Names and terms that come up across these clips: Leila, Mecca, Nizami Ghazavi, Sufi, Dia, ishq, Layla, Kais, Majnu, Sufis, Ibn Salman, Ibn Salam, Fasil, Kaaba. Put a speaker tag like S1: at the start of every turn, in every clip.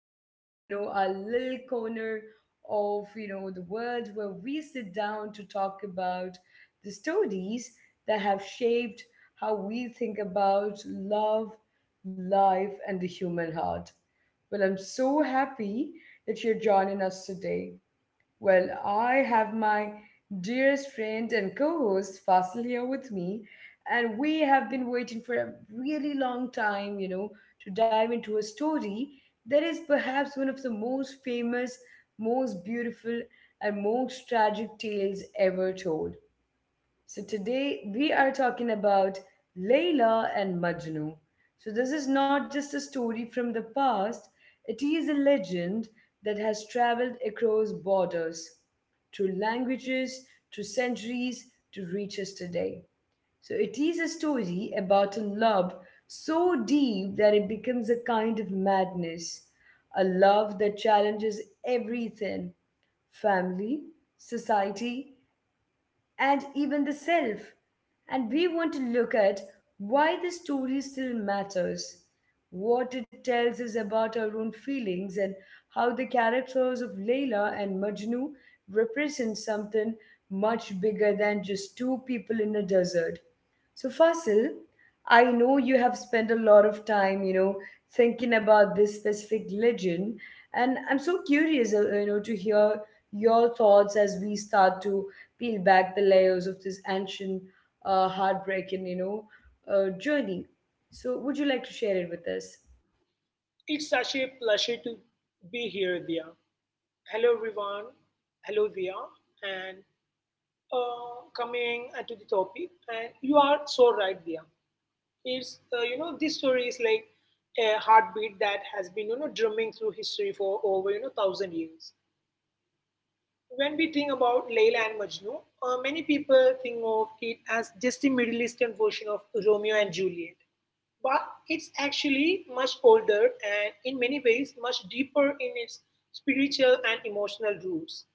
S1: back to our little corner of the world where we sit down to talk about the stories that have shaped how we think about love, life, and the human heart. Well, I'm so happy that you're joining us today. Well, I have my dearest friend and co host Fasil here with me, and we have been waiting for a really long time, you know, to dive into a story that is perhaps one of the most famous, most beautiful, and most tragic tales ever told. So today we are talking about Layla and Majnu. So this is not just a story from the past, it is a legend that has traveled across borders, through languages, through centuries to reach us today. So it is a story about a love so deep that it becomes a kind of madness, a love that challenges everything family, society, and even the self. And we want to look at why the story still matters, what it tells us about our own feelings, and how the characters of Layla and Majnu represent something much bigger than just two people in a desert. So, Fasil, I know you have spent a lot of time, you know, thinking about this specific legend, and I'm so curious, you know, to hear your thoughts as we start to peel back the layers of this ancient, heartbreaking, you know, journey. So, would you like to share it with us?
S2: It's such a pleasure to be here, Dia. Hello, everyone. Hello, Dia. And coming to the topic, and you are so right, Dia. It's this story is like a heartbeat that has been drumming through history for over thousand years. When we think about Layla and Majnu, many people think of it as just a Middle Eastern version of Romeo and Juliet. But it's actually much older and, in many ways, much deeper in its spiritual and emotional roots.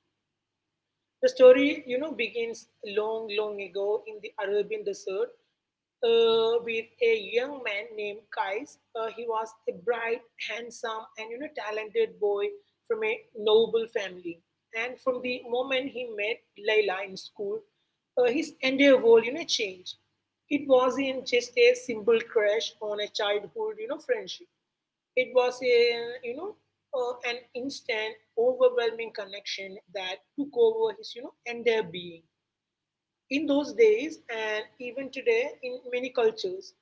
S2: The story, begins long, long ago in the Arabian desert with a young man named Kais. He was a bright, handsome, and talented boy from a noble family. And from the moment he met Layla in school, his entire world, changed. It wasn't just a simple crush on a childhood, friendship. It was a you know an instant, overwhelming connection that took over his entire being. In those days, and even today, in many cultures,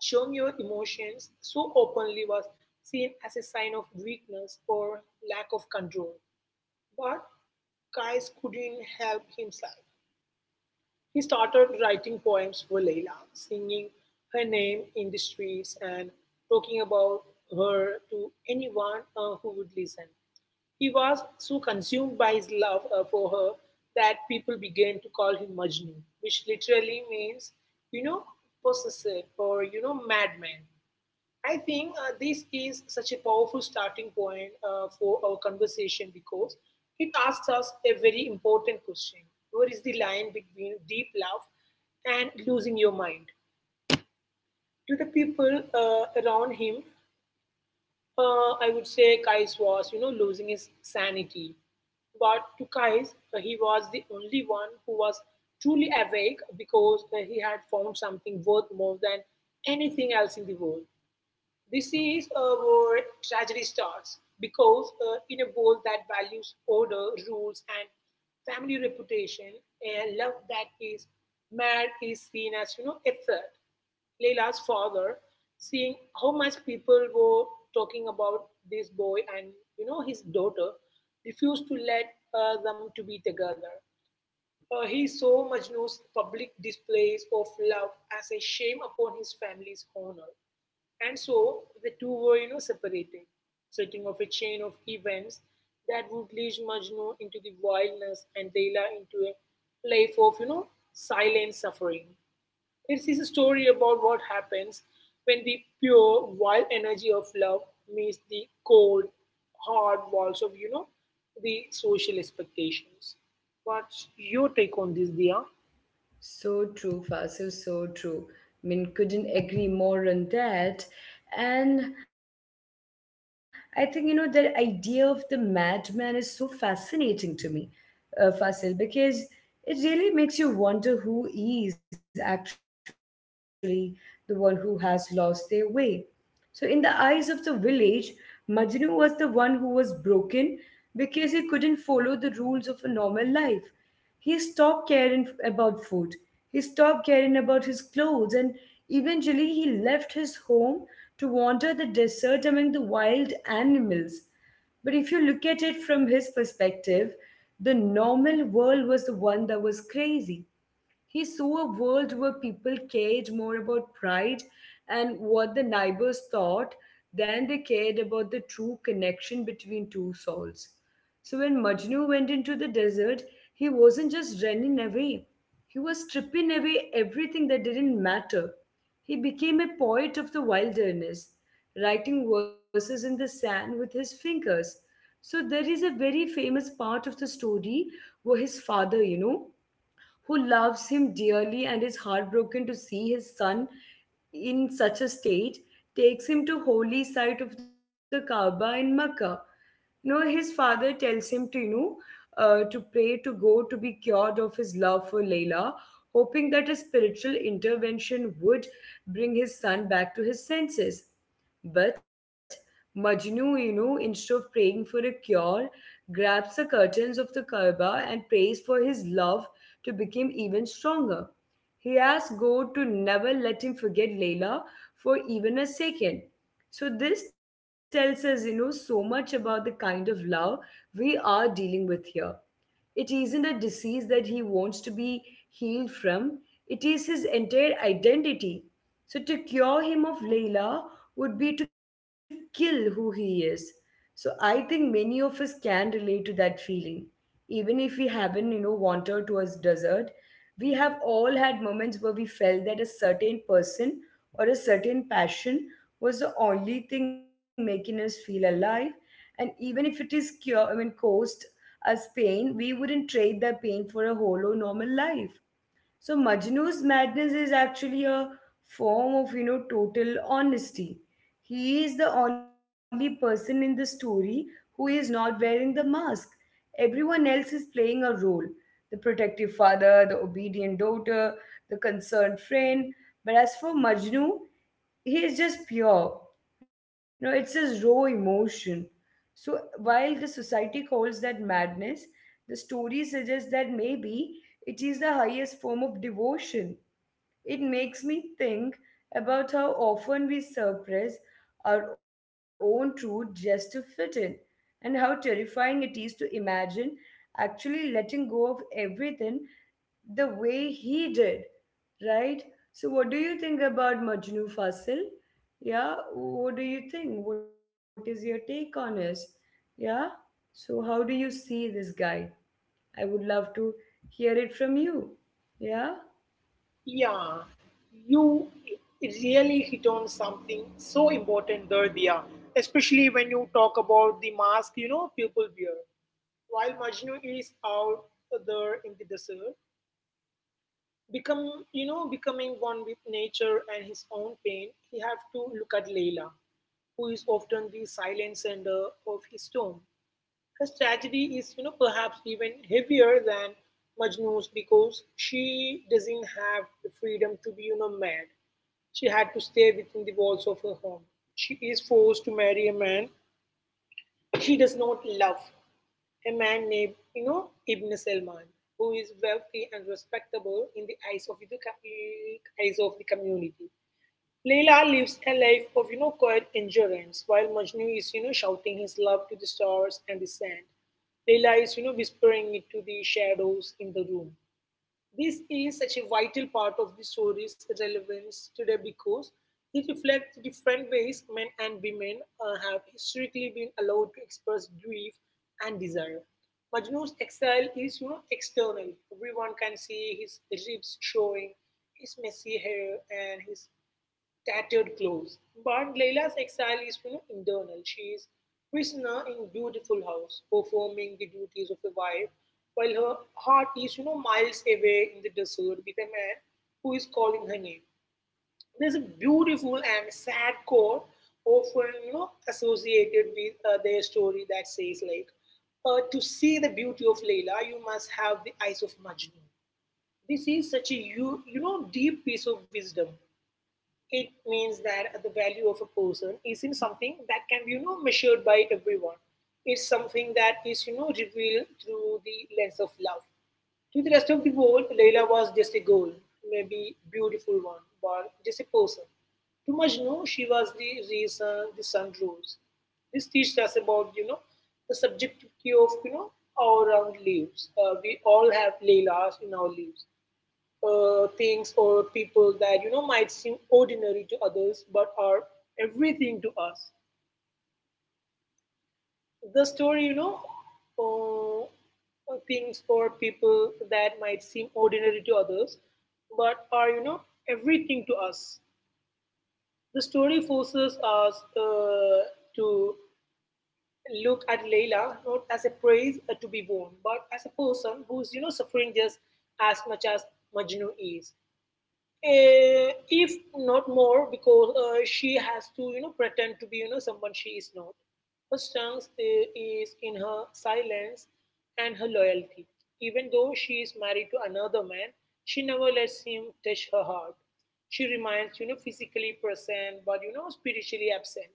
S2: showing your emotions so openly was seen as a sign of weakness or lack of control. But Kais couldn't help himself. He started writing poems for Leila, singing her name in the streets and talking about her to anyone who would listen. He was so consumed by his love for her that people began to call him Majnu, which literally means, you know, possessive or, madman. I think this is such a powerful starting point for our conversation because it asks us a very important question. Where is the line between deep love and losing your mind? To the people around him, I would say Kais was, losing his sanity. But to Kais, he was the only one who was truly awake because he had found something worth more than anything else in the world. This is where tragedy starts because in a world that values order, rules, and family reputation, a love that is mad is seen as a threat. Layla's father, seeing how much people were talking about this boy and his daughter, refused to let them to be together. He saw Majnu's public displays of love as a shame upon his family's honor. And so the two were, separated, setting off a chain of events that would lead Majnu into the wildness and Leila into a life of, silent suffering. It is a story about what happens when the pure, wild energy of love meets the cold, hard walls of, the social expectations. What's your take on this, Dia?
S1: So true, Fasil, so true. I mean, couldn't agree more on that. And I think, you know, that idea of the madman is so fascinating to me, Fasil, because it really makes you wonder who is actually the one who has lost their way. So, in the eyes of the village, Majnu was the one who was broken because he couldn't follow the rules of a normal life. He stopped caring about food. He stopped caring about his clothes, and eventually he left his home to wander the desert among the wild animals. But if you look at it from his perspective, the normal world was the one that was crazy. He saw a world where people cared more about pride and what the neighbors thought than they cared about the true connection between two souls. So when Majnu went into the desert, he wasn't just running away, he was stripping away everything that didn't matter. He became a poet of the wilderness, writing verses in the sand with his fingers. So there is a very famous part of the story where his father, you know, who loves him dearly and is heartbroken to see his son in such a state, takes him to holy site of the Kaaba in Mecca. You know, his father tells him to, you know, to pray to go to be cured of his love for Layla, hoping that a spiritual intervention would bring his son back to his senses. But Majnu, you know, instead of praying for a cure, grabs the curtains of the Kaaba and prays for his love to become even stronger. He asks God to never let him forget Layla for even a second. So, this tells us, you know, so much about the kind of love we are dealing with here. It isn't a disease that he wants to be healed from, it is his entire identity. So to cure him of Layla would be to kill who he is. So I think many of us can relate to that feeling. Even if we haven't, you know, wandered towards desert, we have all had moments where we felt that a certain person or a certain passion was the only thing making us feel alive, and even if it is cure I mean caused us pain, we wouldn't trade that pain for a hollow normal life. So Majnu's madness is actually a form of, you know, total honesty. He is the only person in the story who is not wearing the mask. Everyone else is playing a role. The protective father, the obedient daughter, the concerned friend. But as for Majnu, he is just pure. You know, it's his raw emotion. So while the society calls that madness, the story suggests that maybe it is the highest form of devotion. It makes me think about how often we suppress our own truth just to fit in, and how terrifying it is to imagine actually letting go of everything the way he did, right? So, what do you think about Majnu Fasil? Yeah, what do you think? What is your take on it? Yeah, so how do you see this guy? I would love to hear it from you. Yeah?
S2: Yeah, you really hit on something so important there, Dia, especially when you talk about the mask, people wear. While Majnu is out there in the desert, become, becoming one with nature and his own pain, he have to look at Leila, who is often the silent sender of his storm. Her tragedy is, perhaps even heavier than Majnu's because she doesn't have the freedom to be, mad. She had to stay within the walls of her home. She is forced to marry a man she does not love, a man named Ibn Salman, who is wealthy and respectable in the eyes of the community. Layla lives a life of quiet endurance, while Majnu is shouting his love to the stars and the sand. Layla is whispering it to the shadows in the room. This is such a vital part of the story's relevance today because it reflects different ways men and women have historically been allowed to express grief and desire. Majnu's exile is, external. Everyone can see his ribs showing, his messy hair, and his tattered clothes. But Layla's exile is internal. She is prisoner in beautiful house, performing the duties of a wife, while her heart is miles away in the desert with a man who is calling her name. There's a beautiful and sad chord often associated with their story that says like, to see the beauty of Layla, you must have the eyes of Majnun. This is such a deep piece of wisdom. It means that the value of a person isn't something that can be measured by everyone. It's something that is revealed through the lens of love. To the rest of the world, Layla was just a girl, maybe beautiful one, but just a person. To Majnu, she was the reason the sun rose. This teaches us about the subjectivity of all around lives. We all have Laylas in our lives, things or people that might seem ordinary to others but are everything to us. The story you know uh, Things or people that might seem ordinary to others but are everything to us. The story forces us to look at Layla not as a praise to be won, but as a person who's suffering just as much as Majnu is. If not more, because she has to pretend to be someone she is not. Her strength is in her silence and her loyalty. Even though she is married to another man, she never lets him touch her heart. She remains physically present but spiritually absent,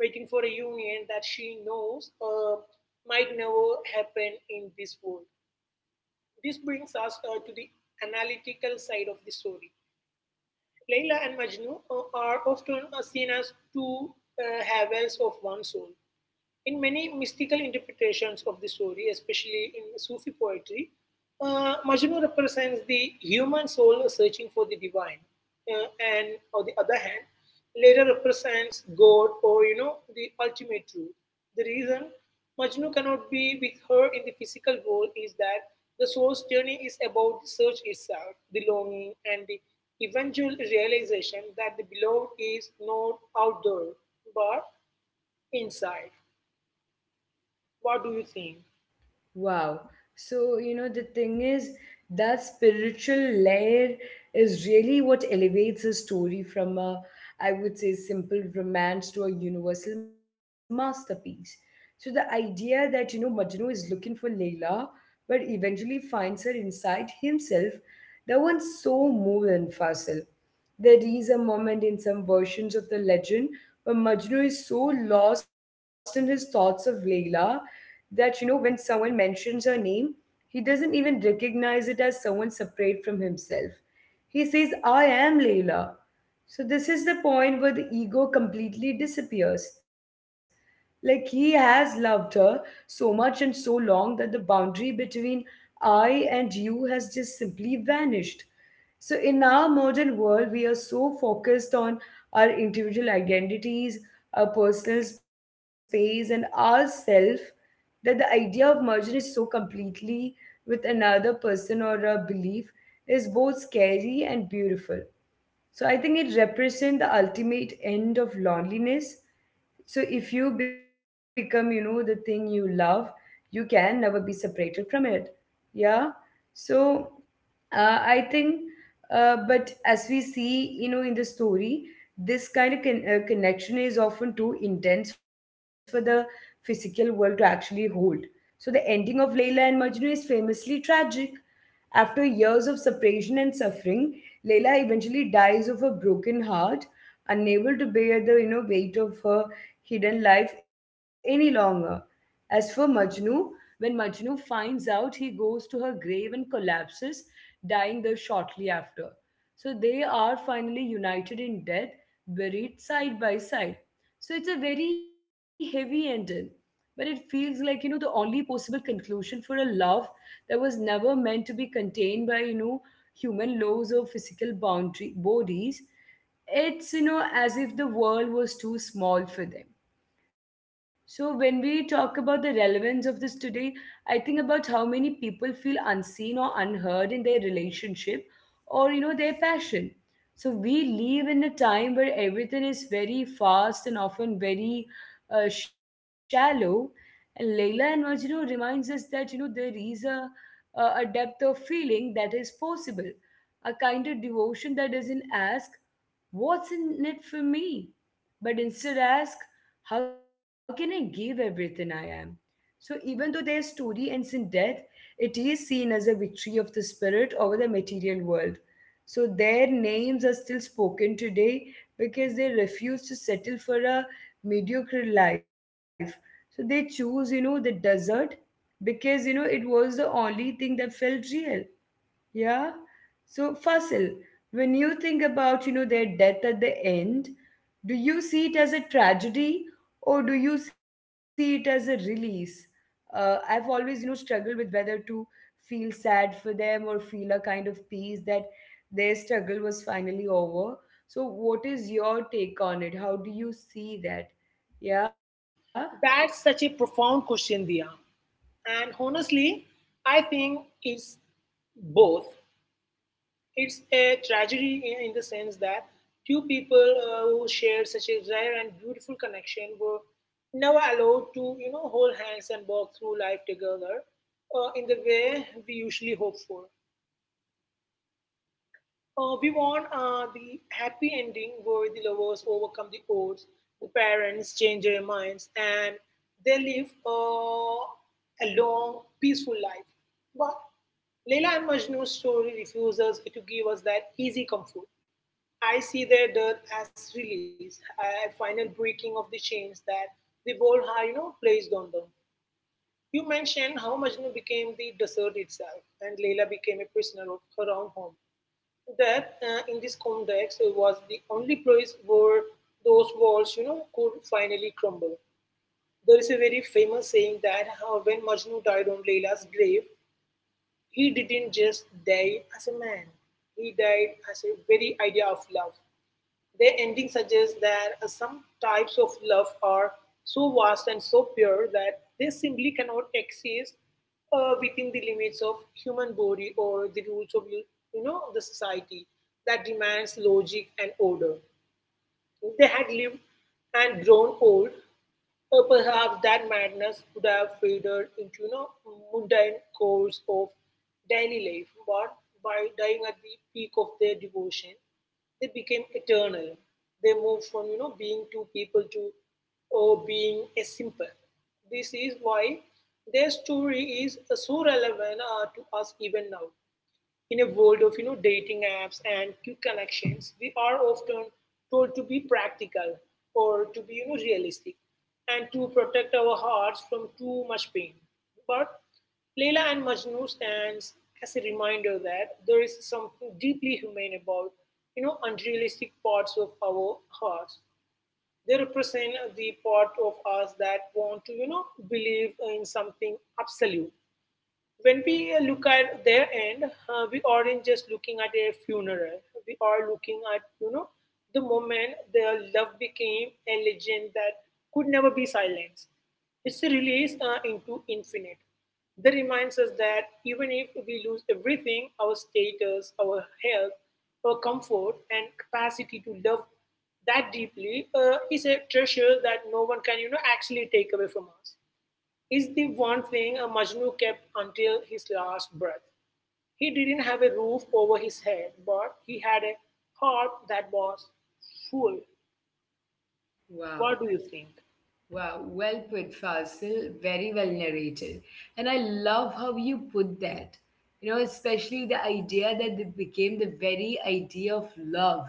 S2: waiting for a union that she knows might never happen in this world. This brings us to the analytical side of the story. Layla and Majnun are often seen as two halves of one soul. In many mystical interpretations of the story, especially in Sufi poetry, Majnu represents the human soul searching for the divine, uh, and on the other hand, later represents God or the ultimate truth. The reason Majnu cannot be with her in the physical world is that the soul's journey is about the search itself, the longing, and the eventual realization that the beloved is not out there but inside. What do you think?
S1: Wow. So, you know, the thing is, that spiritual layer is really what elevates a story from a, I would say, simple romance to a universal masterpiece. So, the idea that, you know, Majnu is looking for Leila, but eventually finds her inside himself, that one's so moving, Fasil. There is a moment in some versions of the legend where Majnu is so lost in his thoughts of Layla that, you know, when someone mentions her name, he doesn't even recognize it as someone separate from himself. He says, I am Layla. So, this is the point where the ego completely disappears. Like, he has loved her so much and so long that the boundary between I and you has just simply vanished. So, in our modern world, we are so focused on our individual identities, our personal space, and ourself that the idea of merging is so completely with another person or a belief is both scary and beautiful. So I think it represents the ultimate end of loneliness. So if you become, you know, the thing you love, you can never be separated from it. Yeah. So I think, but as we see, you know, in the story, this kind of connection is often too intense for the physical world to actually hold. So the ending of Layla and Majnu is famously tragic. After years of separation and suffering, Leila eventually dies of a broken heart, unable to bear the you know weight of her hidden life any longer. As for Majnu, when Majnu finds out, he goes to her grave and collapses, dying there shortly after. So they are finally united in death, buried side by side. So it's a very heavy ending, but it feels like, you know, the only possible conclusion for a love that was never meant to be contained by, you know, human laws or physical boundary bodies. It's, you know, as if the world was too small for them. So, when we talk about the relevance of this today, I think about how many people feel unseen or unheard in their relationship or, you know, their passion. So, we live in a time where everything is very fast and often very shallow. And Leila and Majnun reminds us that, you know, there is a depth of feeling that is possible, a kind of devotion that doesn't ask, what's in it for me? But instead ask, how can I give everything I am? So, even though their story ends in death, it is seen as a victory of the spirit over the material world. So, their names are still spoken today because they refuse to settle for a mediocre life. So, they choose, you know, the desert because, you know, it was the only thing that felt real. Yeah. So, Fasil, when you think about, you know, their death at the end, do you see it as a tragedy or do you see it as a release? I've always, you know, struggled with whether to feel sad for them or feel a kind of peace that their struggle was finally over. So, what is your take on it? How do you see that? Yeah.
S2: That's such a profound question, Dia. And honestly, I think it's both. It's a tragedy in the sense that two people who shared such a rare and beautiful connection were never allowed to, hold hands and walk through life together in the way we usually hope for. We want the happy ending where the lovers overcome the odds, the parents change their minds, and they live a long, peaceful life. But Leila and Majnu's story refuses to give us that easy comfort. I see their death as release, a final breaking of the chains that the world had, placed on them. You mentioned how Majnu became the desert itself, and Leila became a prisoner of her own home. That, in this context, it was the only place where those walls, could finally crumble. There is a very famous saying that how when Majnu died on Layla's grave, he didn't just die as a man. He died as a very idea of love. Their ending suggests that some types of love are so vast and so pure that they simply cannot exist within the limits of human body or the rules of the society that demands logic and order. They had lived and grown old, or perhaps that madness would have faded into mundane course of daily life, but by dying at the peak of their devotion, they became eternal. They moved from being two people to or being a simple. This is why their story is so relevant to us even now. In a world of dating apps and quick connections, we are often told to be practical or to be realistic and to protect our hearts from too much pain. But Leila and Majnu stands as a reminder that there is something deeply human about unrealistic parts of our hearts. They represent the part of us that want to believe in something absolute. When we look at their end, we aren't just looking at a funeral. We are looking at, the moment their love became a legend that could never be silenced. It's a release into infinite. That reminds us that even if we lose everything, our status, our health, our comfort, and capacity to love that deeply is a treasure that no one can, actually take away from us, is the one thing a Majnu kept until his last breath. He didn't have a roof over his head, but he had a heart that was full.
S1: Wow.
S2: What do you think?
S1: Wow, well put, Fasil. Very well narrated. And I love how you put that. You know, especially the idea that it became the very idea of love.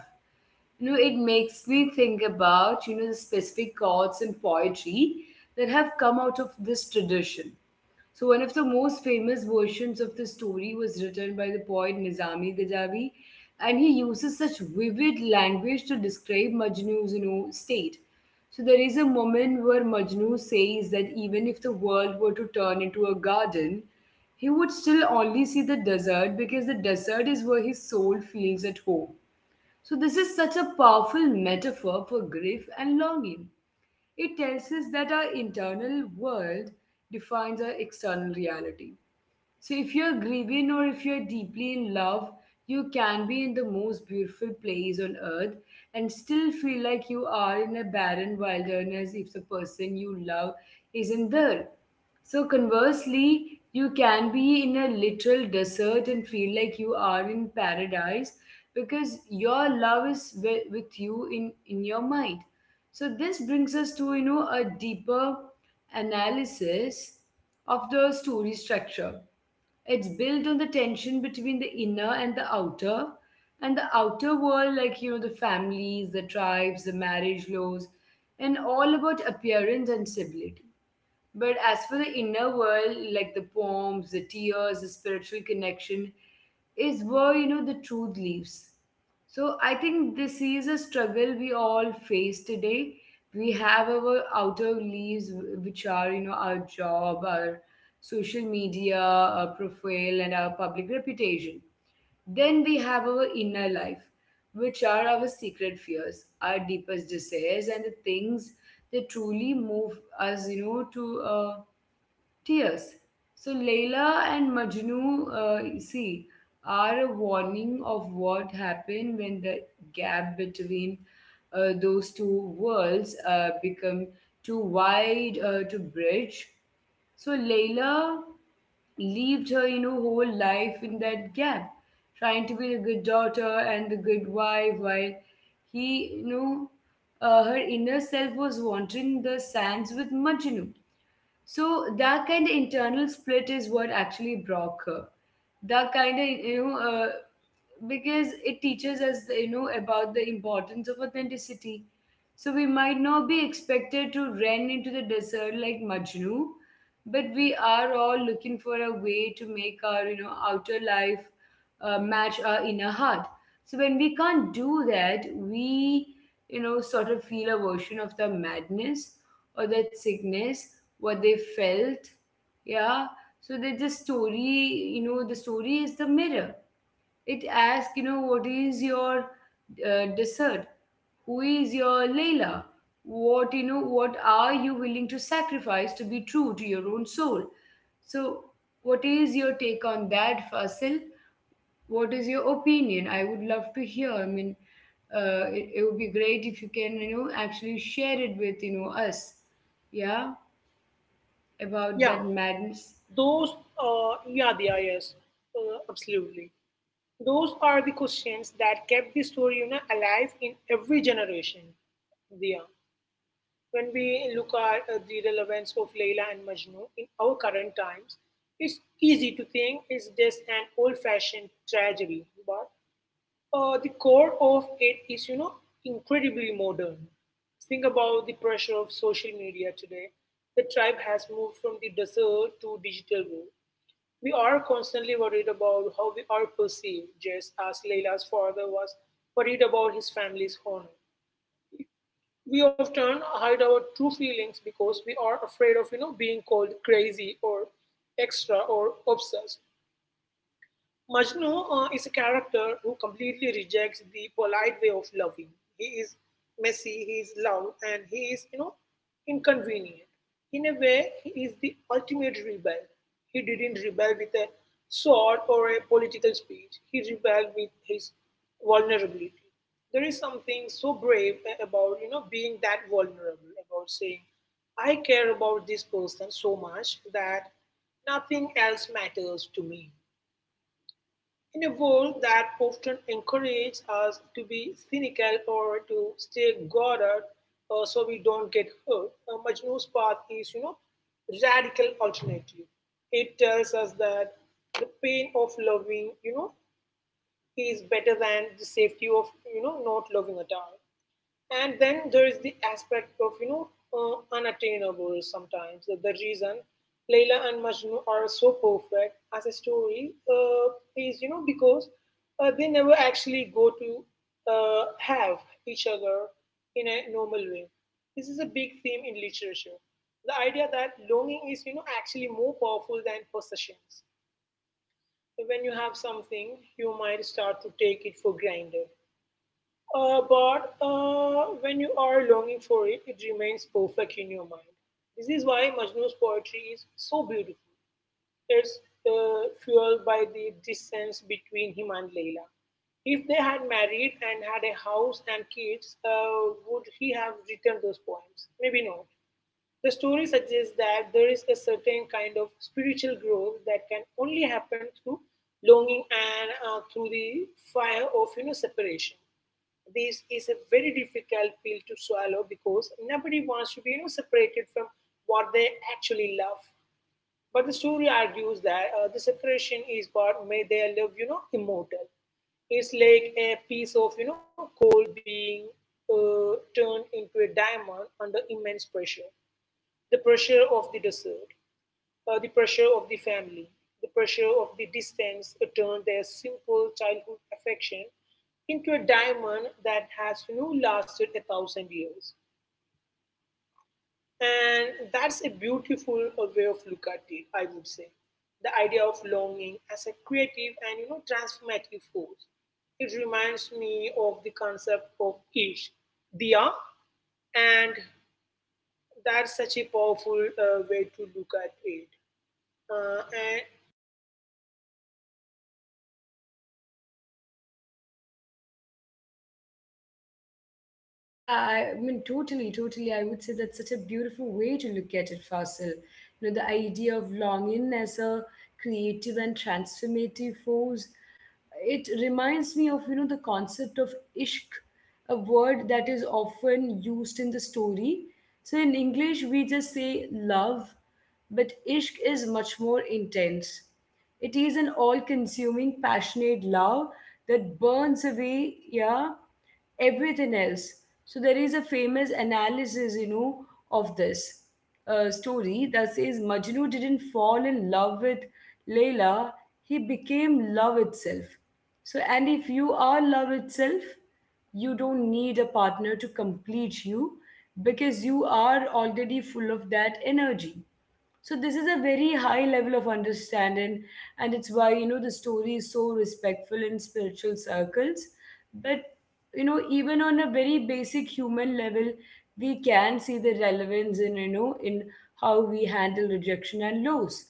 S1: You know, it makes me think about, you know, the specific chords and poetry that have come out of this tradition. So, one of the most famous versions of the story was written by the poet Nizami Ghazavi, and he uses such vivid language to describe Majnu's you know, state. So, there is a moment where Majnu says that even if the world were to turn into a garden, he would still only see the desert because the desert is where his soul feels at home. So, this is such a powerful metaphor for grief and longing. It tells us that our internal world defines our external reality. So if you're grieving or if you're deeply in love, you can be in the most beautiful place on earth and still feel like you are in a barren wilderness if the person you love isn't there. So conversely, you can be in a literal desert and feel like you are in paradise because your love is with you in your mind. So this brings us to a deeper analysis of the story structure. It's built on the tension between the inner and the outer, and the outer world, like the families, the tribes, the marriage laws, and all about appearance and stability. But as for the inner world, like the poems, the tears, the spiritual connection, is where the truth lives. So I think this is a struggle we all face today. We have our outer leaves, which are our job, our social media, our profile, and our public reputation. Then we have our inner life, which are our secret fears, our deepest desires, and the things that truly move us, to tears. So Layla and Majnu, see, are a warning of what happened when the gap between those two worlds become too wide to bridge. So Layla lived her, whole life in that gap, trying to be the good daughter and the good wife, while he, her inner self was wandering the sands with Majnu. So that kind of internal split is what actually broke her. That kind of because it teaches us about the importance of authenticity. So we might not be expected to run into the desert like Majnu, but we are all looking for a way to make our outer life match our inner heart. So when we can't do that, we sort of feel a version of the madness or that sickness what they felt. Yeah. So that the story, the story is the mirror. It asks, what is your dessert? Who is your Layla? What are you willing to sacrifice to be true to your own soul? So, what is your take on that, Fasil? What is your opinion? I would love to hear. I mean, it would be great if you can, actually share it with, us. Yeah, about
S2: Yeah,
S1: that madness.
S2: those, yeah, yeah, yes, Absolutely. Those are the questions that kept the story alive in every generation. Yeah. When we look at the relevance of Layla and Majnu in our current times, it's easy to think it's just an old-fashioned tragedy, but the core of it is, incredibly modern. Think about the pressure of social media today. The tribe has moved from the desert to digital world. We are constantly worried about how we are perceived, just as Layla's father was worried about his family's honor. We often hide our true feelings because we are afraid of being called crazy or extra or obsessed. Majnu is a character who completely rejects the polite way of loving. He is messy, he is loud, and he is, inconvenient. In a way, he is the ultimate rebel. He didn't rebel with a sword or a political speech. He rebelled with his vulnerability. There is something so brave about, being that vulnerable, about saying, I care about this person so much that nothing else matters to me. In a world that often encourages us to be cynical or to stay guarded so we don't get hurt, Majnu's path is, radical alternative. It tells us that the pain of loving, is better than the safety of, not loving at all. And then there is the aspect of, unattainable sometimes. The reason Layla and Majnu are so perfect as a story is, because they never actually go to have each other in a normal way. This is a big theme in literature. The idea that longing is, actually more powerful than possessions. When you have something, you might start to take it for granted but when you are longing for it, it remains perfect in your mind. This is why Majnu's poetry is so beautiful. It's fueled by the distance between him and Leila. If they had married and had a house and kids, would he have written those poems? Maybe not. The story suggests that there is a certain kind of spiritual growth that can only happen through longing and through the fire of separation. This is a very difficult pill to swallow because nobody wants to be separated from what they actually love. But the story argues that the separation is what made their love, immortal. It's like a piece of, coal being turned into a diamond under immense pressure. The pressure of the desert, the pressure of the family, the pressure of the distance turned their simple childhood affection into a diamond that has, lasted 1,000 years. And that's a beautiful way of look at it, I would say. The idea of longing as a creative and transformative force. It reminds me of the concept of ish, diya, and that's such a powerful way to look at it. Uh, and
S1: Yeah, I mean, totally, totally. I would say that's such a beautiful way to look at it, Fasil. You know, the idea of longing as a creative and transformative force, it reminds me of, the concept of ishq, a word that is often used in the story. So in English, we just say love, but ishq is much more intense. It is an all consuming, passionate love that burns away, yeah, everything else. So there is a famous analysis, of this story that says Majnu didn't fall in love with Layla, he became love itself. So, and if you are love itself, you don't need a partner to complete you because you are already full of that energy. So this is a very high level of understanding, and it's why the story is so respectful in spiritual circles. But you know, even on a very basic human level, we can see the relevance in how we handle rejection and loss.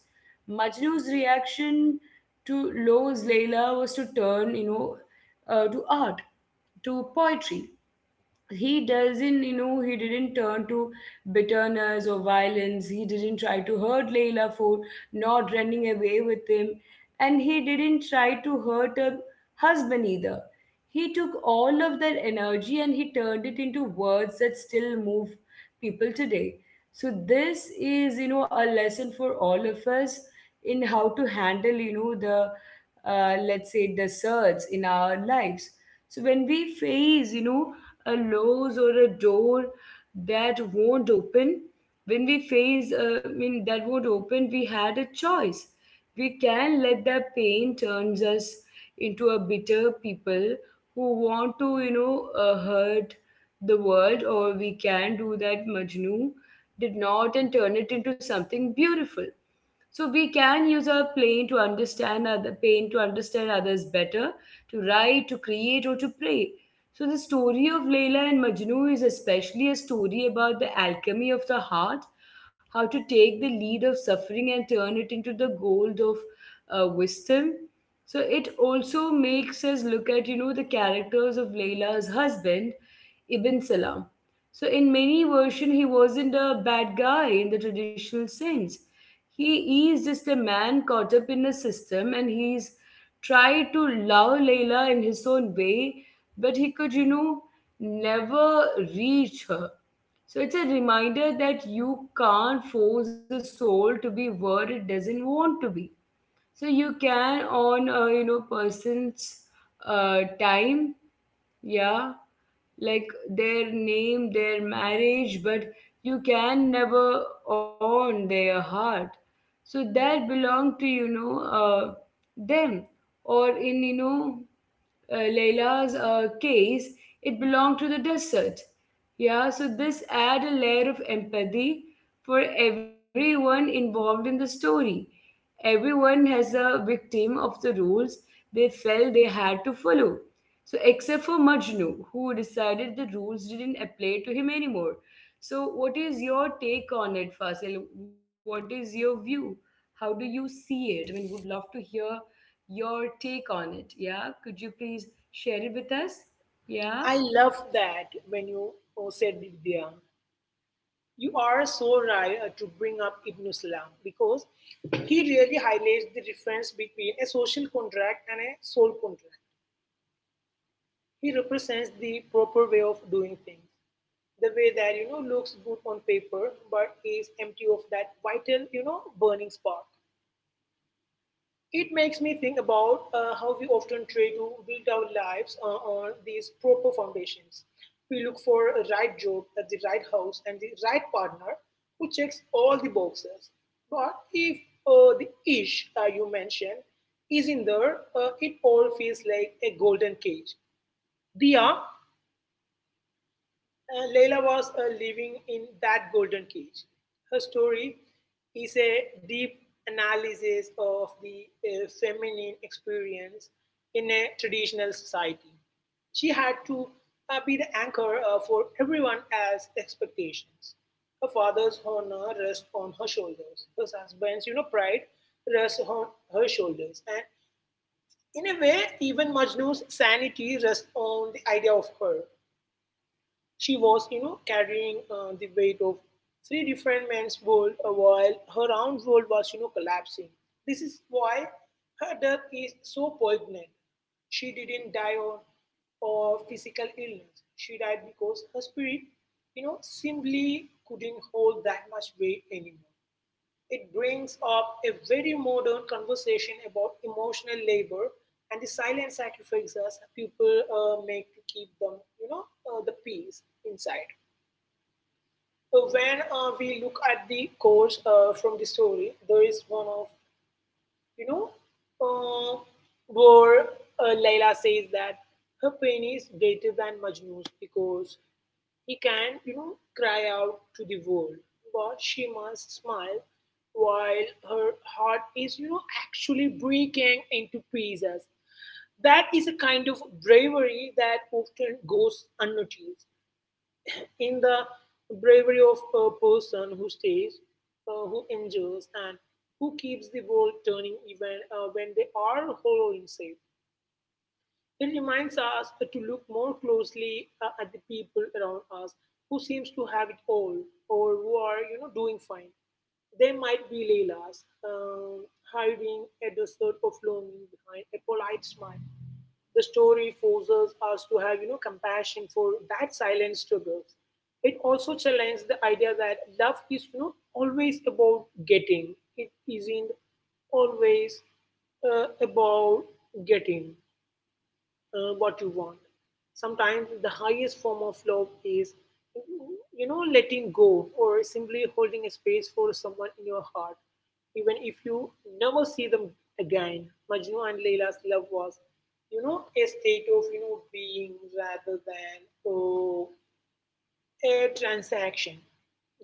S1: Majnu's reaction to Lowe's Layla was to turn, to art, to poetry. He doesn't, you know, he didn't turn to bitterness or violence. He didn't try to hurt Layla for not running away with him. And he didn't try to hurt her husband either. He took all of that energy and he turned it into words that still move people today. So, this is, a lesson for all of us in how to handle, let's say, the surge in our lives. So, when we face, a loss or a door that won't open, when we face I mean that won't open, we had a choice. We can let that pain turns us into a bitter people who want to hurt the world, or we can do that Majnu did not and turn it into something beautiful. So we can use our pain to understand other pain, to understand others better, to write, to create, or to pray. So the story of Leila and Majnu is especially a story about the alchemy of the heart, how to take the lead of suffering and turn it into the gold of wisdom. So it also makes us look at the characters of Leila's husband, Ibn Salam. So in many versions, he wasn't a bad guy in the traditional sense. He is just a man caught up in a system, and he's tried to love Layla in his own way, but he could, never reach her. So it's a reminder that you can't force a soul to be where it doesn't want to be. So you can on a person's time, yeah, like their name, their marriage, but you can never own their heart. So that belong to them, or in Layla's case, it belonged to the desert. Yeah, so this add a layer of empathy for everyone involved in the story. Everyone has a victim of the rules they felt they had to follow. So except for Majnu, who decided the rules didn't apply to him anymore. So what is your take on it, Fasil? What is your view? How do you see it? I mean, would love to hear your take on it. Yeah, could you please share it with us? Yeah.
S2: I love that when you said diya. You are so right to bring up Ibn Salam because he really highlights the difference between a social contract and a soul contract. He represents the proper way of doing things, the way that looks good on paper but is empty of that vital burning spark. It makes me think about how we often try to build our lives on these proper foundations. We look for a right job at the right house and the right partner who checks all the boxes. But if the ish you mentioned is in there, it all feels like a golden cage. Dia. Leila was living in that golden cage. Her story is a deep analysis of the feminine experience in a traditional society. She had to be the anchor for everyone else's expectations. Her father's honor rests on her shoulders. Her husband's, pride rests on her shoulders. And in a way, even Majnu's sanity rests on the idea of her. She was, carrying the weight of three different men's world while her own world was, collapsing. This is why her death is so poignant. She didn't die of physical illness. She died because her spirit, simply couldn't hold that much weight anymore. It brings up a very modern conversation about emotional labor and the silent sacrifices people make to keep them, the peace inside. So when we look at the course from the story, there is one of, you know, uh, where Layla says that her pain is greater than Majnu's because he can, cry out to the world, but she must smile while her heart is, actually breaking into pieces. That is a kind of bravery that often goes unnoticed. In the bravery of a person who stays, who endures, and who keeps the world turning even when they are hollow inside. It reminds us to look more closely at the people around us who seems to have it all or who are doing fine. They might be Leilas, hiding a desert of longing behind a polite smile. The story forces us to have compassion for that silent struggle. It also challenges the idea that love is always about getting. It isn't always about getting what you want. Sometimes the highest form of love is, letting go or simply holding a space for someone in your heart, even if you never see them again. Majnu and Layla's love was, a state of, being rather than, oh, a transaction.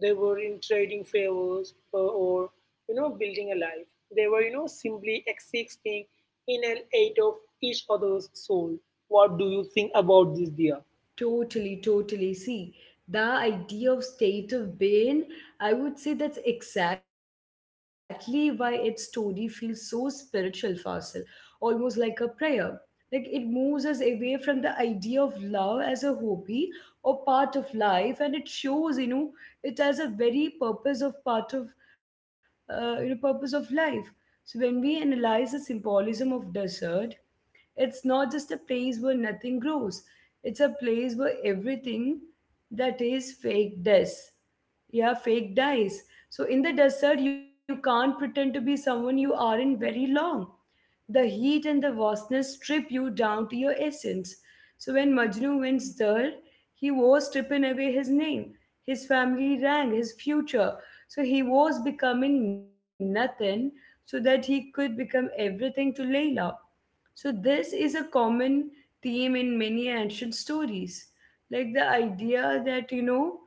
S2: They were in trading favors, or building a life. They were simply existing in an eight of each other's soul. What do you think about this, dear?
S1: Totally, totally. See, the idea of state of being, I would say that's exactly why its story feels so spiritual, Fasil, almost like a prayer. Like it moves us away from the idea of love as a hobby or part of life, and it shows, it as a very purpose of part of, purpose of life. So when we analyze the symbolism of desert, it's not just a place where nothing grows, it's a place where everything that is fake dies. Yeah, fake dies. So in the desert, you can't pretend to be someone you aren't very long. The heat and the vastness strip you down to your essence. So when Majnu went there, he was stripping away his name, his family rank, his future. So he was becoming nothing so that he could become everything to Layla. So, this is a common theme in many ancient stories. Like the idea that, you know,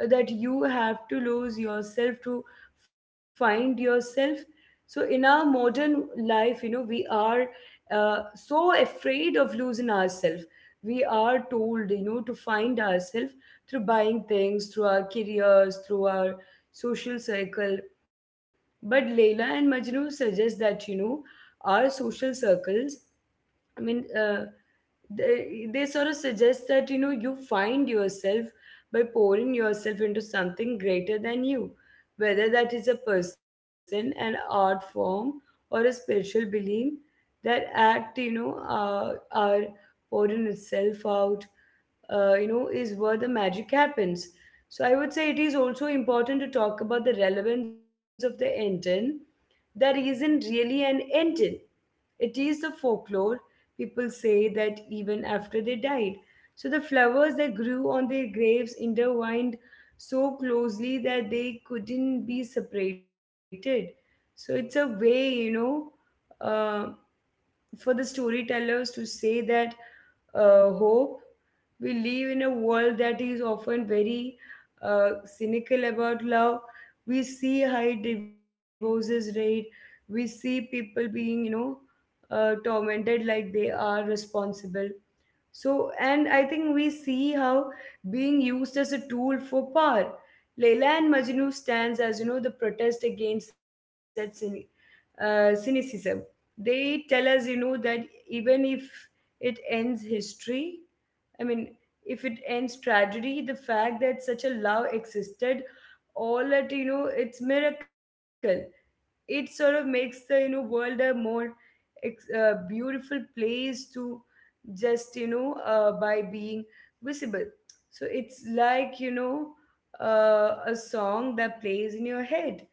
S1: uh, that you have to lose yourself to find yourself. So, in our modern life, you know, we are so afraid of losing ourselves. We are told, to find ourselves through buying things, through our careers, through our social circle. But Leila and Majnu suggest that, our social circles, I mean, uh, they sort of suggest that, you find yourself by pouring yourself into something greater than you, whether that is a person, an art form, or a spiritual being. That act, are pouring itself out, is where the magic happens. So I would say it is also important to talk about the relevance of the intent that isn't really an intent, it is the folklore. People say that even after they died, so the flowers that grew on their graves intertwined so closely that they couldn't be separated. So it's a way, uh, for the storytellers to say that hope. We live in a world that is often very cynical about love. We see high divorces rate. We see people being, tormented like they are responsible. So, and I think we see how being used as a tool for power. Leila and Majnu stands as, the protest against that cynicism. They tell us, that even if it ends history, I mean, if it ends tragedy, the fact that such a love existed all at, its miracle, it sort of makes the world a more beautiful place to just by being visible. So it's like a song that plays in your head,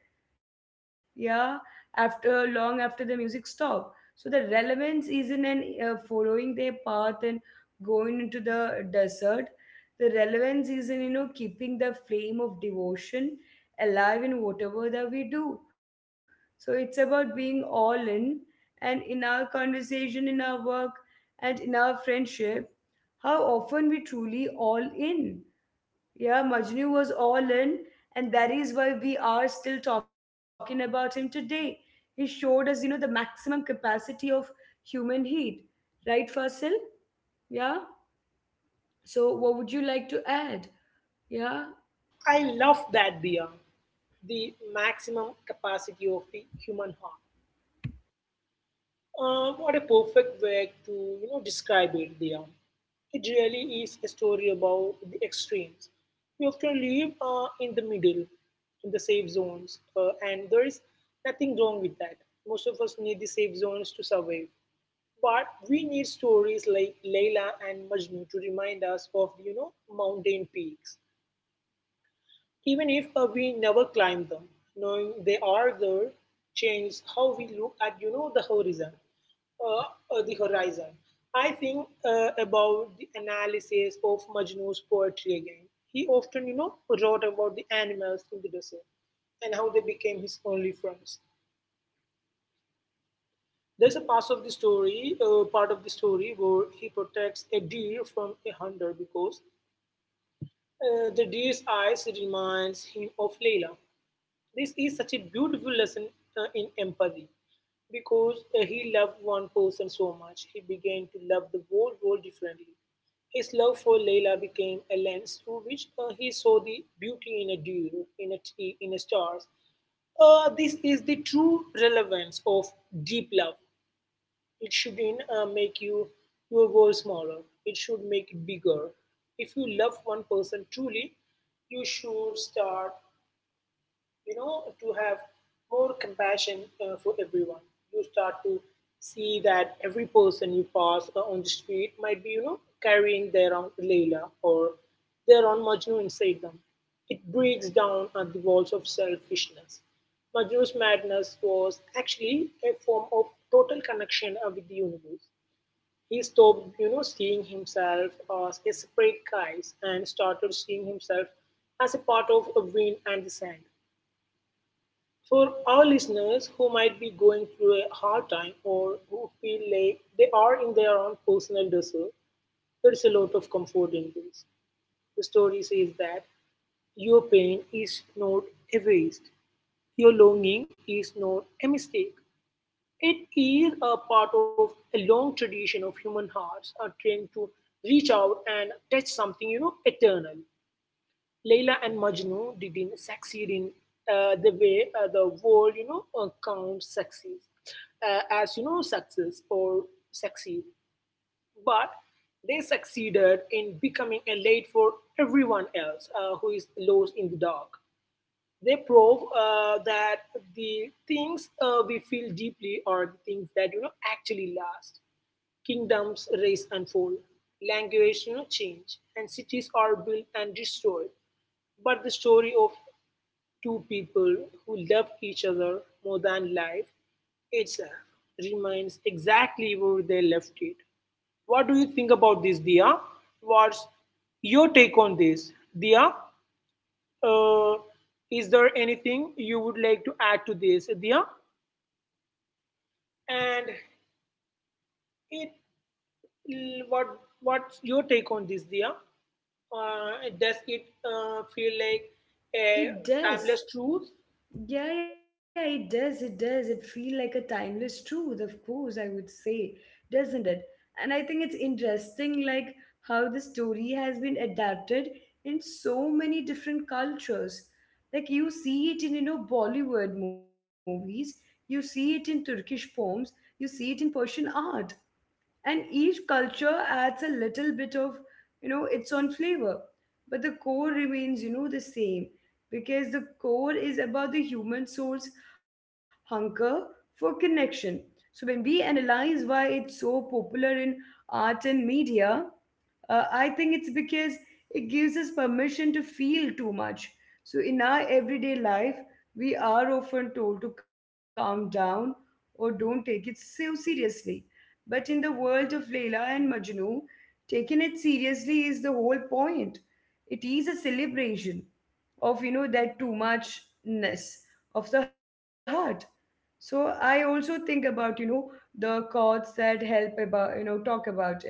S1: yeah, after long after the music stop. So the relevance isn't in following their path and going into the desert. The relevance is in keeping the flame of devotion alive in whatever that we do. So it's about being all in, and in our conversation, in our work, and in our friendship, how often we truly all in. Yeah, Majnu was all in, and that is why we are still talking about him today. He showed us, the maximum capacity of human heat. Right, Fasil? Yeah? So, what would you like to add? Yeah,
S2: I love that, dear. The maximum capacity of the human heart. What a perfect way to describe it, dear. It really is a story about the extremes. We often live in the middle, in the safe zones, and there is nothing wrong with that. Most of us need the safe zones to survive. But we need stories like Layla and Majnu to remind us of, mountain peaks. Even if we never climb them, knowing they are there changes how we look at the horizon. The horizon. I think about the analysis of Majnu's poetry again. He often wrote about the animals in the desert and how they became his only friends. There's a part of the story where he protects a deer from a hunter because the deer's eyes reminds him of Layla. This is such a beautiful lesson in empathy because he loved one person so much, he began to love the whole world differently. His love for Layla became a lens through which he saw the beauty in a dew, in a tree, in a stars. This is the true relevance of deep love. It shouldn't make you your world smaller. It should make it bigger. If you love one person truly, you should start to have more compassion for everyone. You start to see that every person you pass on the street might be carrying their own layla or their own Majnu inside them. It breaks down the walls of selfishness. Majnu's madness was actually a form of total connection with the universe. He stopped seeing himself as a separate guy and started seeing himself as a part of a wind and the sand. For our listeners who might be going through a hard time or who feel like they are in their own personal desert, there is a lot of comfort in this. The story says that your pain is not a waste, your longing is not a mistake. It is a part of a long tradition of human hearts are trained to reach out and touch something, eternal. Leila and Majnu didn't succeed in the way the world, counts success as success or succeed, but they succeeded in becoming a light for everyone else who is lost in the dark. They prove that the things we feel deeply are the things that actually last. Kingdoms rise and fall, language change, and cities are built and destroyed. But the story of two people who love each other more than life itself remains exactly where they left it. What do you think about this, Dia? What's your take on this, Dia? Uh, is there anything you would like to add to this, Diya? And it, what what's your take on this, Diya? Does it feel like a
S1: it does.
S2: timeless truth?
S1: Yeah, yeah, it does. It does. It feel like a timeless truth, of course, I would say, doesn't it? And I think it's interesting, how the story has been adapted in so many different cultures. Like you see it in, Bollywood movies, you see it in Turkish poems, you see it in Persian art and each culture adds a little bit of its own flavor, but the core remains the same, because the core is about the human soul's hunger for connection. So when we analyze why it's so popular in art and media, I think it's because it gives us permission to feel too much. So, in our everyday life, we are often told to calm down or don't take it so seriously. But in the world of Leela and Majnu, taking it seriously is the whole point. It is a celebration of, that too muchness of the heart. So I also think about the chords that help about talk about it,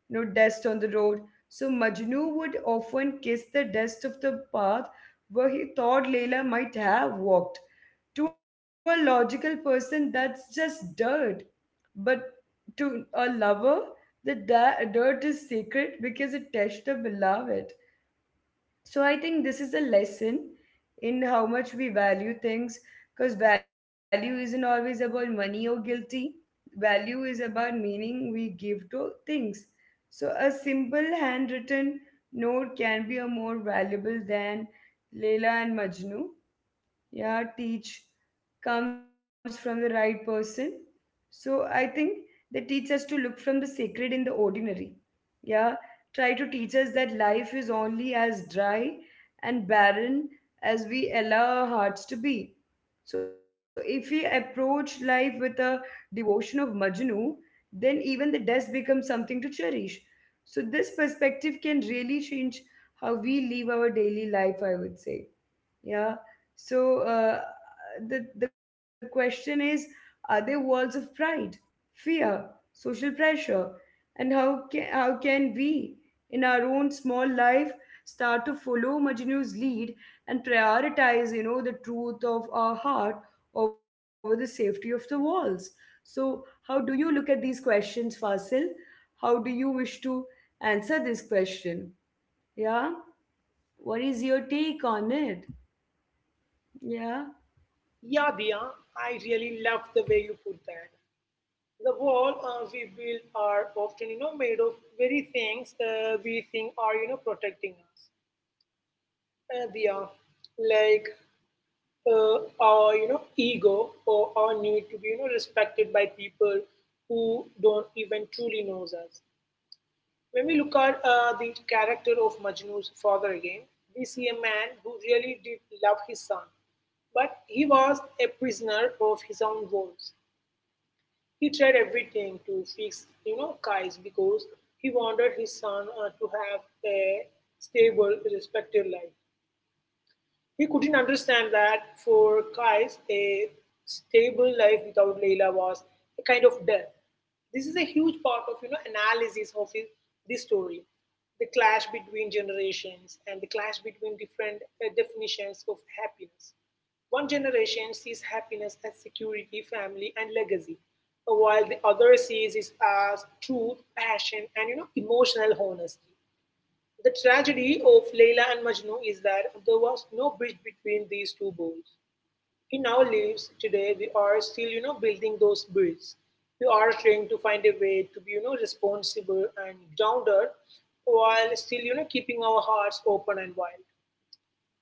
S1: dust on the road. So Majnu would often kiss the dust of the path where he thought Layla might have walked. To a logical person, that's just dirt. But to a lover, the dirt is sacred because it touched the beloved. So I think this is a lesson in how much we value things, because value isn't always about money or guilty. Value is about meaning we give to things. So a simple handwritten note can be a more valuable than Leela and Majnu. Yeah, teach comes from the right person. So I think they teach us to look from the sacred in the ordinary. Yeah, try to teach us that life is only as dry and barren as we allow our hearts to be. So if we approach life with a devotion of Majnu, then even the dust becomes something to cherish. So this perspective can really change how we live our daily life, I would say. Yeah. So the question is, are there walls of pride, fear, social pressure, and how can we, in our own small life, start to follow Majnu's lead and prioritize, the truth of our heart over the safety of the walls? So how do you look at these questions, Fasil? How do you wish to answer this question? Yeah. What is your take on it? Yeah.
S2: Yeah, Diya, I really love the way you put that. The world we build are often, you know, made of very things we think are, you know, protecting us. Diya, like our you know ego or our need to be you know respected by people who don't even truly knows us. When we look at the character of Majnu's father again, we see a man who really did love his son, but he was a prisoner of his own words. He tried everything to fix you know Kais because he wanted his son to have a stable, respected life. He couldn't understand that for Kais, a stable life without Leila was a kind of death. This is a huge part of you know analysis of his, this story, the clash between generations and the clash between different definitions of happiness. One generation sees happiness as security, family, and legacy, while the other sees it as truth, passion, and you know emotional honesty. The tragedy of Leila and Majnu is that there was no bridge between these two worlds. In our lives today, we are still, you know, building those bridges. We are trying to find a way to be, you know, responsible and grounded while still, you know, keeping our hearts open and wild.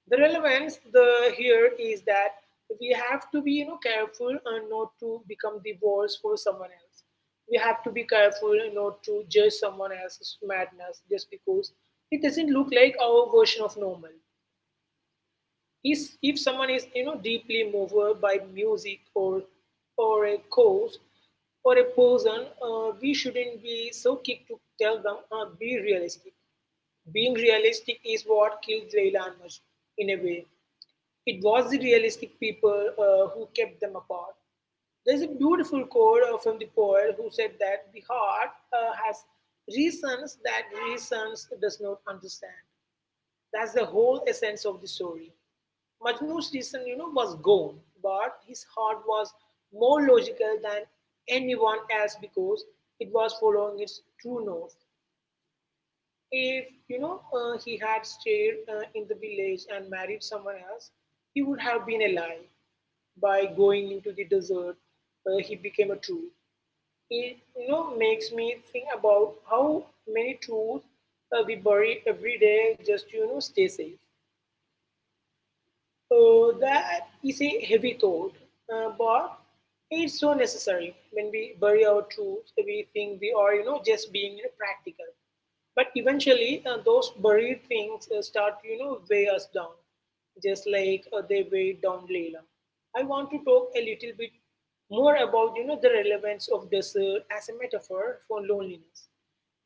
S2: The relevance the here is that we have to be you know careful and not to become the walls for someone else. We have to be careful not to judge someone else's madness just because it doesn't look like our version of normal. Is if someone is you know deeply moved by music or a cause or a person, we shouldn't be so quick to tell them be realistic. Being realistic is what killed Leila and Majnun in a way. It was the realistic people who kept them apart. There's a beautiful quote from the poet who said that the heart has reasons that reasons does not understand. That's the whole essence of the story. Majnu's reason, you know, was gone, but his heart was more logical than anyone else because it was following its true north. If you know he had stayed in the village and married someone else, he would have been alive. By going into the desert, he became a truth. It you know makes me think about how many truths we bury every day just to you know stay safe. That is a heavy thought, but it's so necessary. When we bury our truths, we think we are, you know, just being you know, practical. But eventually, those buried things start, to, you know, weigh us down, just like they weighed down Layla. I want to talk a little bit more about, you know, the relevance of desert as a metaphor for loneliness.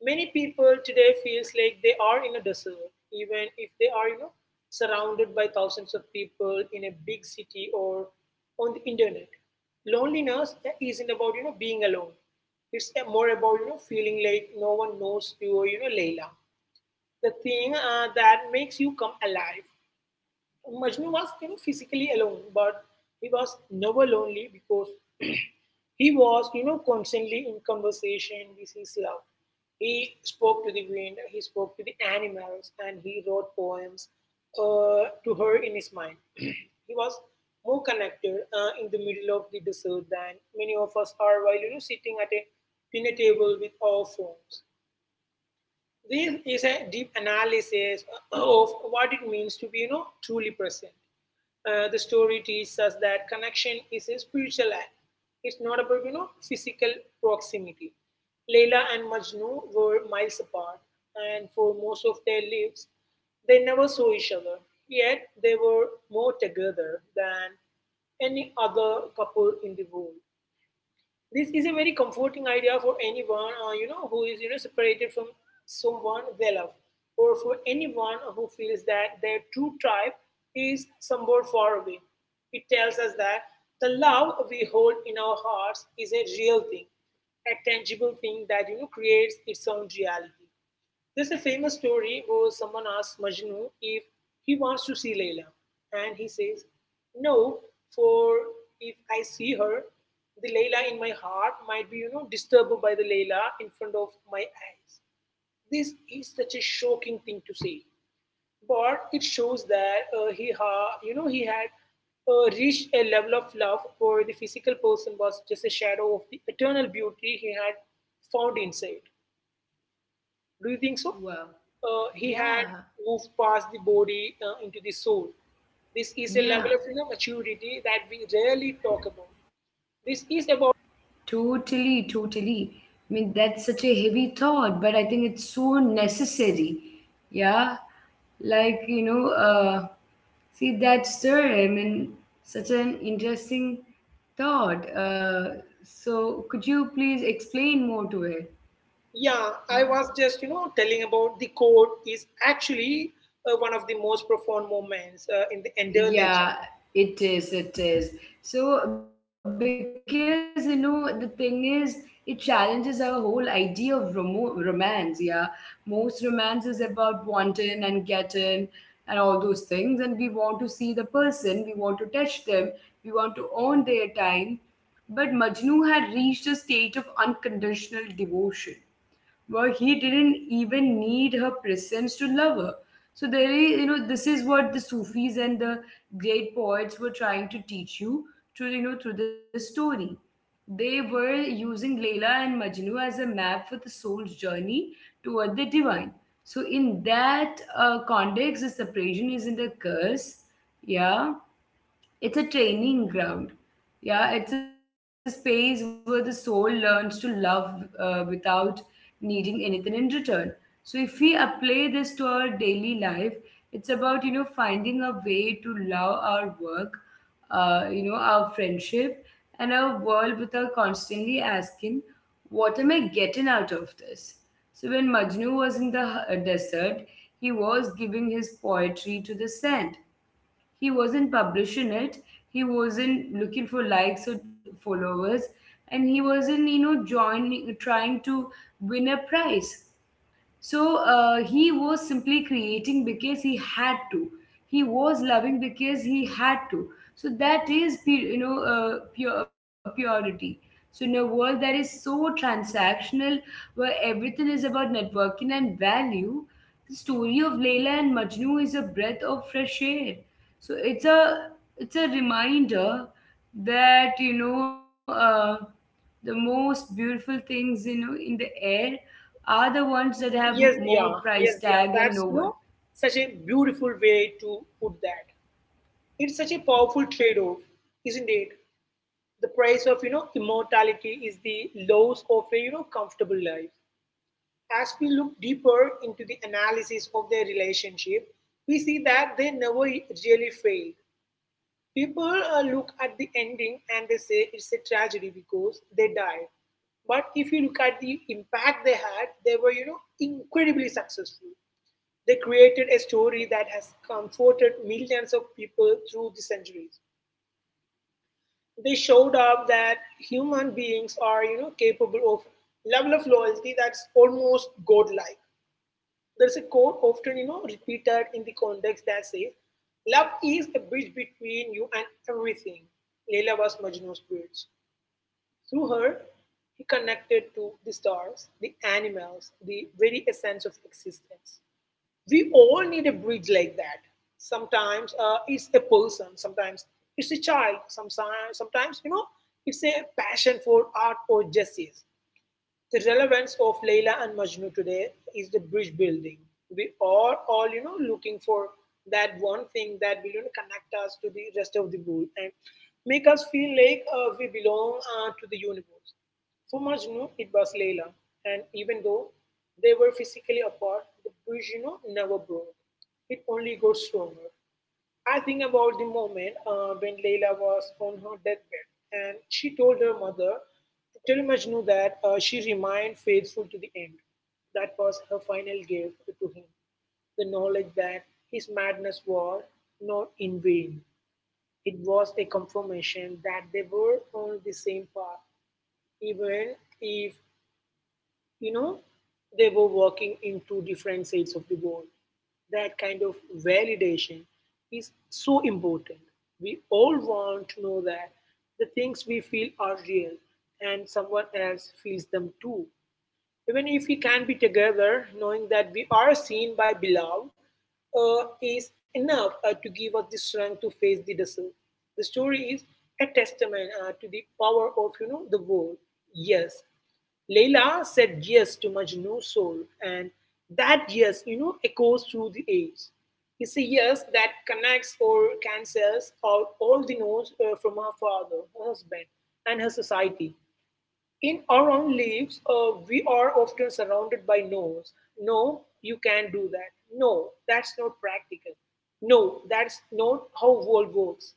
S2: Many people today feels like they are in a desert, even if they are, you know, surrounded by thousands of people in a big city or on the internet. Loneliness isn't about, you know, being alone. It's more about, you know, feeling like no one knows you or, you know, Layla. The thing that makes you come alive. Majnu was you know, physically alone, but he was never lonely because he was, you know, constantly in conversation with his love. He spoke to the wind, he spoke to the animals, and he wrote poems to her in his mind. He was more connected in the middle of the desert than many of us are while, you know, sitting at a dinner table with our phones. This is a deep analysis of what it means to be, you know, truly present. The story teaches us that connection is a spiritual act. It's not about, you know, physical proximity. Leila and Majnu were miles apart, and for most of their lives, they never saw each other. Yet they were more together than any other couple in the world. This is a very comforting idea for anyone you know who is you know separated from someone they love, or for anyone who feels that their true tribe is somewhere far away. It tells us that the love we hold in our hearts is a real thing, a tangible thing that you know creates its own reality. There's a famous story where someone asks Majnu if he wants to see Layla, and he says, "No, for if I see her, the Layla in my heart might be, you know, disturbed by the Layla in front of my eyes." This is such a shocking thing to say, but it shows that he you know, he had reached a level of love where the physical person was just a shadow of the eternal beauty he had found inside. Do you think so?
S1: Well,
S2: He had
S1: yeah,
S2: moved past the body into the soul. This is a level
S1: yeah,
S2: of you know, maturity that we rarely talk about. This is about,
S1: totally, totally. I mean, that's such a heavy thought, but I think it's so necessary. Yeah, like, you know, uh, see, that's there. I mean, such an interesting thought. So, could you please explain more to it?
S2: yeah, I
S1: Yeah.
S2: was just, you know, telling about the code is actually one of the most profound moments in the entire legend.
S1: Yeah, it is. It is. So, because you know, the thing is, it challenges our whole idea of romance. Yeah, most romance is about wanting and getting and all those things. And we want to see the person, we want to touch them, we want to own their time. But Majnu had reached a state of unconditional devotion where he didn't even need her presence to love her. So there is, this is what the Sufis and the great poets were trying to teach you through, through this story. They were using Layla and Majnu as a map for the soul's journey toward the divine. So in that context, the separation isn't a curse, yeah, it's a training ground. Yeah, it's a space where the soul learns to love without needing anything in return. So if we apply this to our daily life, it's about finding a way to love our work, our friendship and our world without constantly asking, what am I getting out of this? So when Majnu was in the desert, he was giving his poetry to the sand. He wasn't publishing it, he wasn't looking for likes or followers, and he wasn't joining trying to win a prize. So he was simply creating because he had to. He was loving because he had to. So that is pure purity. So in a world that is so transactional, where everything is about networking and value, the story of Leila and Majnu is a breath of fresh air. So it's a reminder that the most beautiful things in the air are the ones that have
S2: Yes, they
S1: more
S2: are.
S1: price
S2: Yes, they
S1: tag
S2: are.
S1: and
S2: That's, you
S1: nowhere.
S2: know, such a beautiful way to put that. It's such a powerful trade off, isn't it? The price of you know immortality is the loss of a you know comfortable life. As we look deeper into the analysis of their relationship, we see that they never really failed. People look at the ending and they say it's a tragedy because they died, but if you look at the impact they had, they were you know incredibly successful. They created a story that has comforted millions of people through the centuries. They showed up that human beings are you know capable of level of loyalty that's almost godlike. There's a quote often you know repeated in the context that says love is a bridge between you and everything. Leila was Majnu's bridge. Through her, he connected to the stars, the animals, the very essence of existence. We all need a bridge like that. Sometimes it's a person, sometimes it's a child, sometimes you know it's a passion for art or justice. The relevance of Leila and Majnu today is the bridge building. We are all, you know, looking for that one thing that will you know, connect us to the rest of the world and make us feel like we belong to the universe. For Majnu, it was Leila, and even though they were physically apart, the bridge, you know, never broke. It only got stronger. I think about the moment when Leila was on her deathbed and she told her mother to tell Majnu that she remained faithful to the end. That was her final gift to him, the knowledge that his madness was not in vain. It was a confirmation that they were on the same path, even if you know they were working in two different sides of the world. That kind of validation is so important. We all want to know that the things we feel are real and someone else feels them too. Even if we can be together, knowing that we are seen by beloved is enough to give us the strength to face the desert. The story is a testament to the power of you know the word. Yes, Layla said yes to Majnu's soul, and that yes, you know, echoes through the age. It's a yes that connects or cancels out all the no's from her father, her husband, and her society. In our own lives, we are often surrounded by no's. No, you can't do that. No, that's not practical. No, that's not how world works.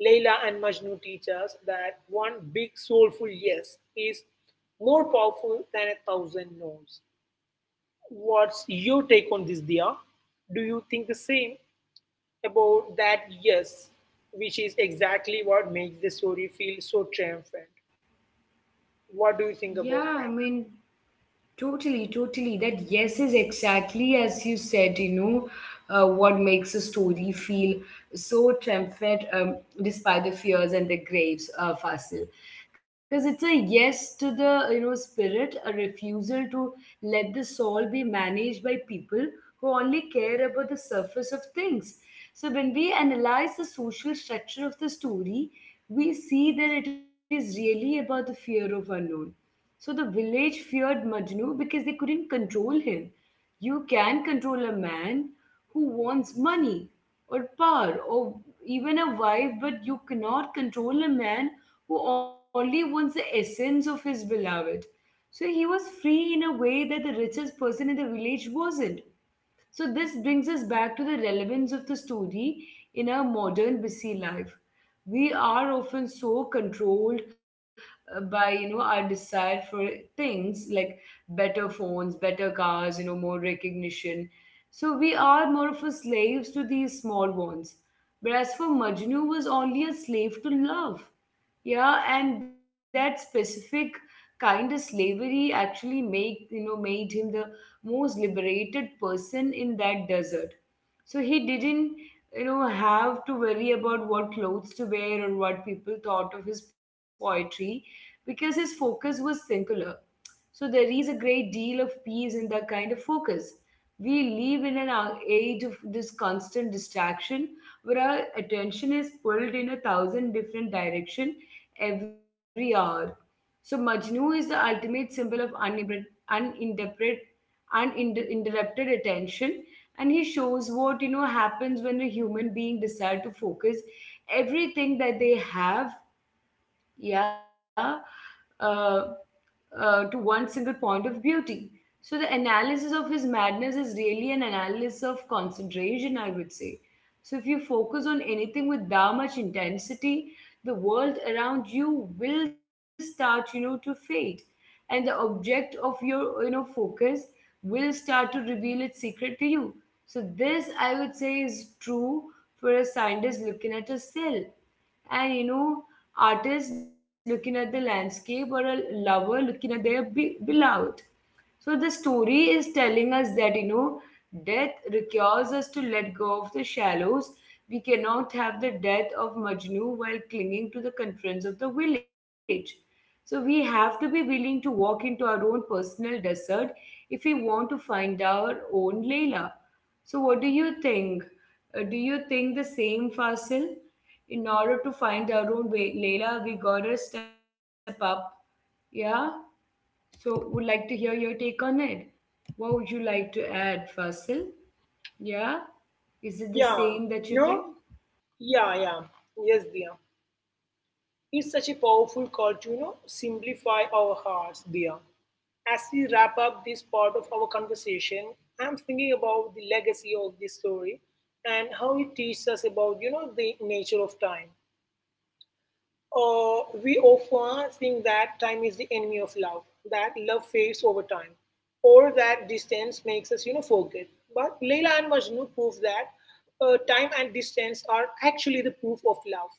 S2: Layla and Majnu teach us that one big soulful yes is more powerful than a thousand no's. What's your take on this, Dia? Do you think the same about that yes, which is exactly what makes the story feel so triumphant? What do you think
S1: Yeah, I
S2: about that?
S1: mean, totally, totally. That yes is exactly as you said, what makes a story feel so triumphant, despite the fears and the graves, Fasil. Because it's a yes to the, spirit, a refusal to let the soul be managed by people who only care about the surface of things. So when we analyze the social structure of the story, we see that it is really about the fear of unknown. So the village feared Majnu because they couldn't control him. You can control a man who wants money or power or even a wife, but you cannot control a man who only wants the essence of his beloved. So he was free in a way that the richest person in the village wasn't. So, this brings us back to the relevance of the story in our modern busy life. We are often so controlled by our desire for things like better phones, better cars, more recognition. So we are more of a slaves to these small wants. Whereas for Majnu was only a slave to love. Yeah, and that specific kind of slavery actually make you know made him the most liberated person in that desert. So he didn't have to worry about what clothes to wear or what people thought of his poetry, because his focus was singular. So there is a great deal of peace in that kind of focus. We live in an age of this constant distraction where our attention is pulled in a thousand different direction every hour. So Majnu is the ultimate symbol of uninterrupted, uninterrupted attention, and he shows what happens when a human being decide to focus everything that they have, yeah, uh, to one single point of beauty. So the analysis of his madness is really an analysis of concentration, I would say. So if you focus on anything with that much intensity, the world around you will start to fade, and the object of your focus will start to reveal its secret to you. So this, I would say, is true for a scientist looking at a cell, and artist looking at the landscape, or a lover looking at their beloved. So the story is telling us that death requires us to let go of the shallows. We cannot have the death of Majnu while clinging to the conference of the village. So we have to be willing to walk into our own personal desert if we want to find our own Layla. So, what do you think? Do you think the same, Fasil? In order to find our own way, Leila, we gotta step up. Yeah? So, would like to hear your take on it. What would you like to add, Fasil? Yeah? Is it the
S2: Yeah,
S1: same that you
S2: you know,
S1: think?
S2: yeah, yeah, yes, dear. It's such a powerful call to, you know, simplify our hearts, dear. As we wrap up this part of our conversation, I'm thinking about the legacy of this story and how it teaches us about, you know, the nature of time. We often think that time is the enemy of love, that love fades over time, or that distance makes us, you know, forget. But Leila and Majnu prove that time and distance are actually the proof of love.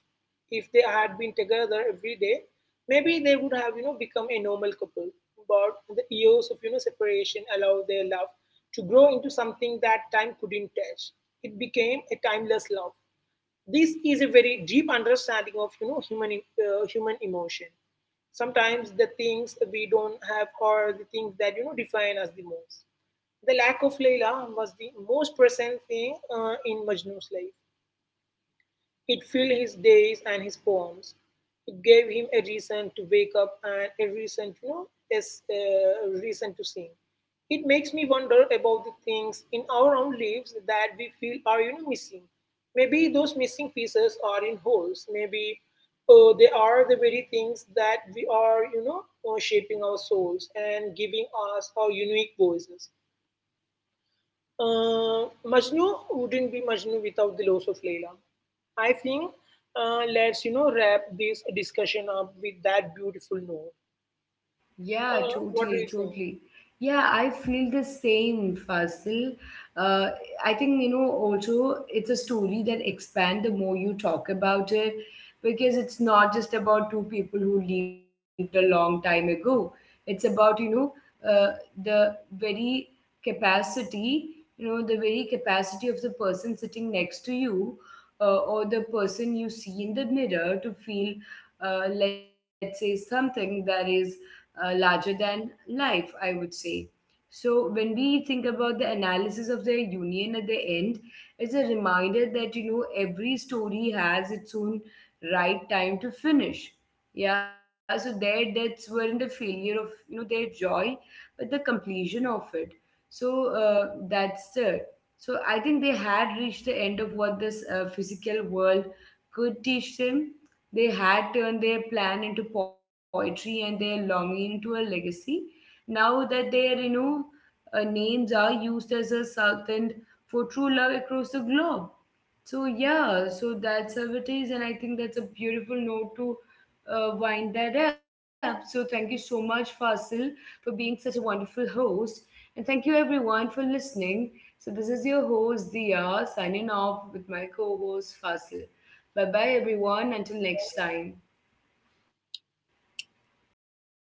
S2: If they had been together every day, maybe they would have, you know, become a normal couple. But the years of, you know, separation allowed their love to grow into something that time couldn't touch. It became a timeless love. This is a very deep understanding of you know human emotion. Sometimes the things we don't have are the things that you know define us the most. The lack of Layla was the most present thing in Majnu's life. It filled his days and his poems. It gave him a reason to wake up and a reason to know, yes, a reason to sing. It makes me wonder about the things in our own lives that we feel are you know missing. Maybe those missing pieces are in holes. Maybe they are the very things that we are you know shaping our souls and giving us our unique voices. Majnu wouldn't be Majnu without the loss of Leela. I think let's you know wrap this discussion up with that beautiful note.
S1: Yeah,
S2: What do
S1: totally,
S2: you think?
S1: totally. Yeah, I feel the same, Fasil. Uh, I think, also it's a story that expand the more you talk about it, because it's not just about two people who lived a long time ago. It's about, uh, the very capacity, the very capacity of the person sitting next to you or the person you see in the mirror to feel, let's say, something that is larger than life, I would say. So, when we think about the analysis of the union at the end, it's a reminder that every story has its own right time to finish. Yeah, so their deaths weren't a failure of their joy, but the completion of it. So that's it. So I think they had reached the end of what this physical world could teach them, they had turned their plan into poetry and their longing into a legacy. Now that their, names are used as a southend for true love across the globe. So yeah, so that's how it is, and I think that's a beautiful note to wind that up. So thank you so much, Fasil, for being such a wonderful host, and thank you everyone for listening. So this is your host Dia signing off with my co-host Fasil. Bye bye everyone. Until next time.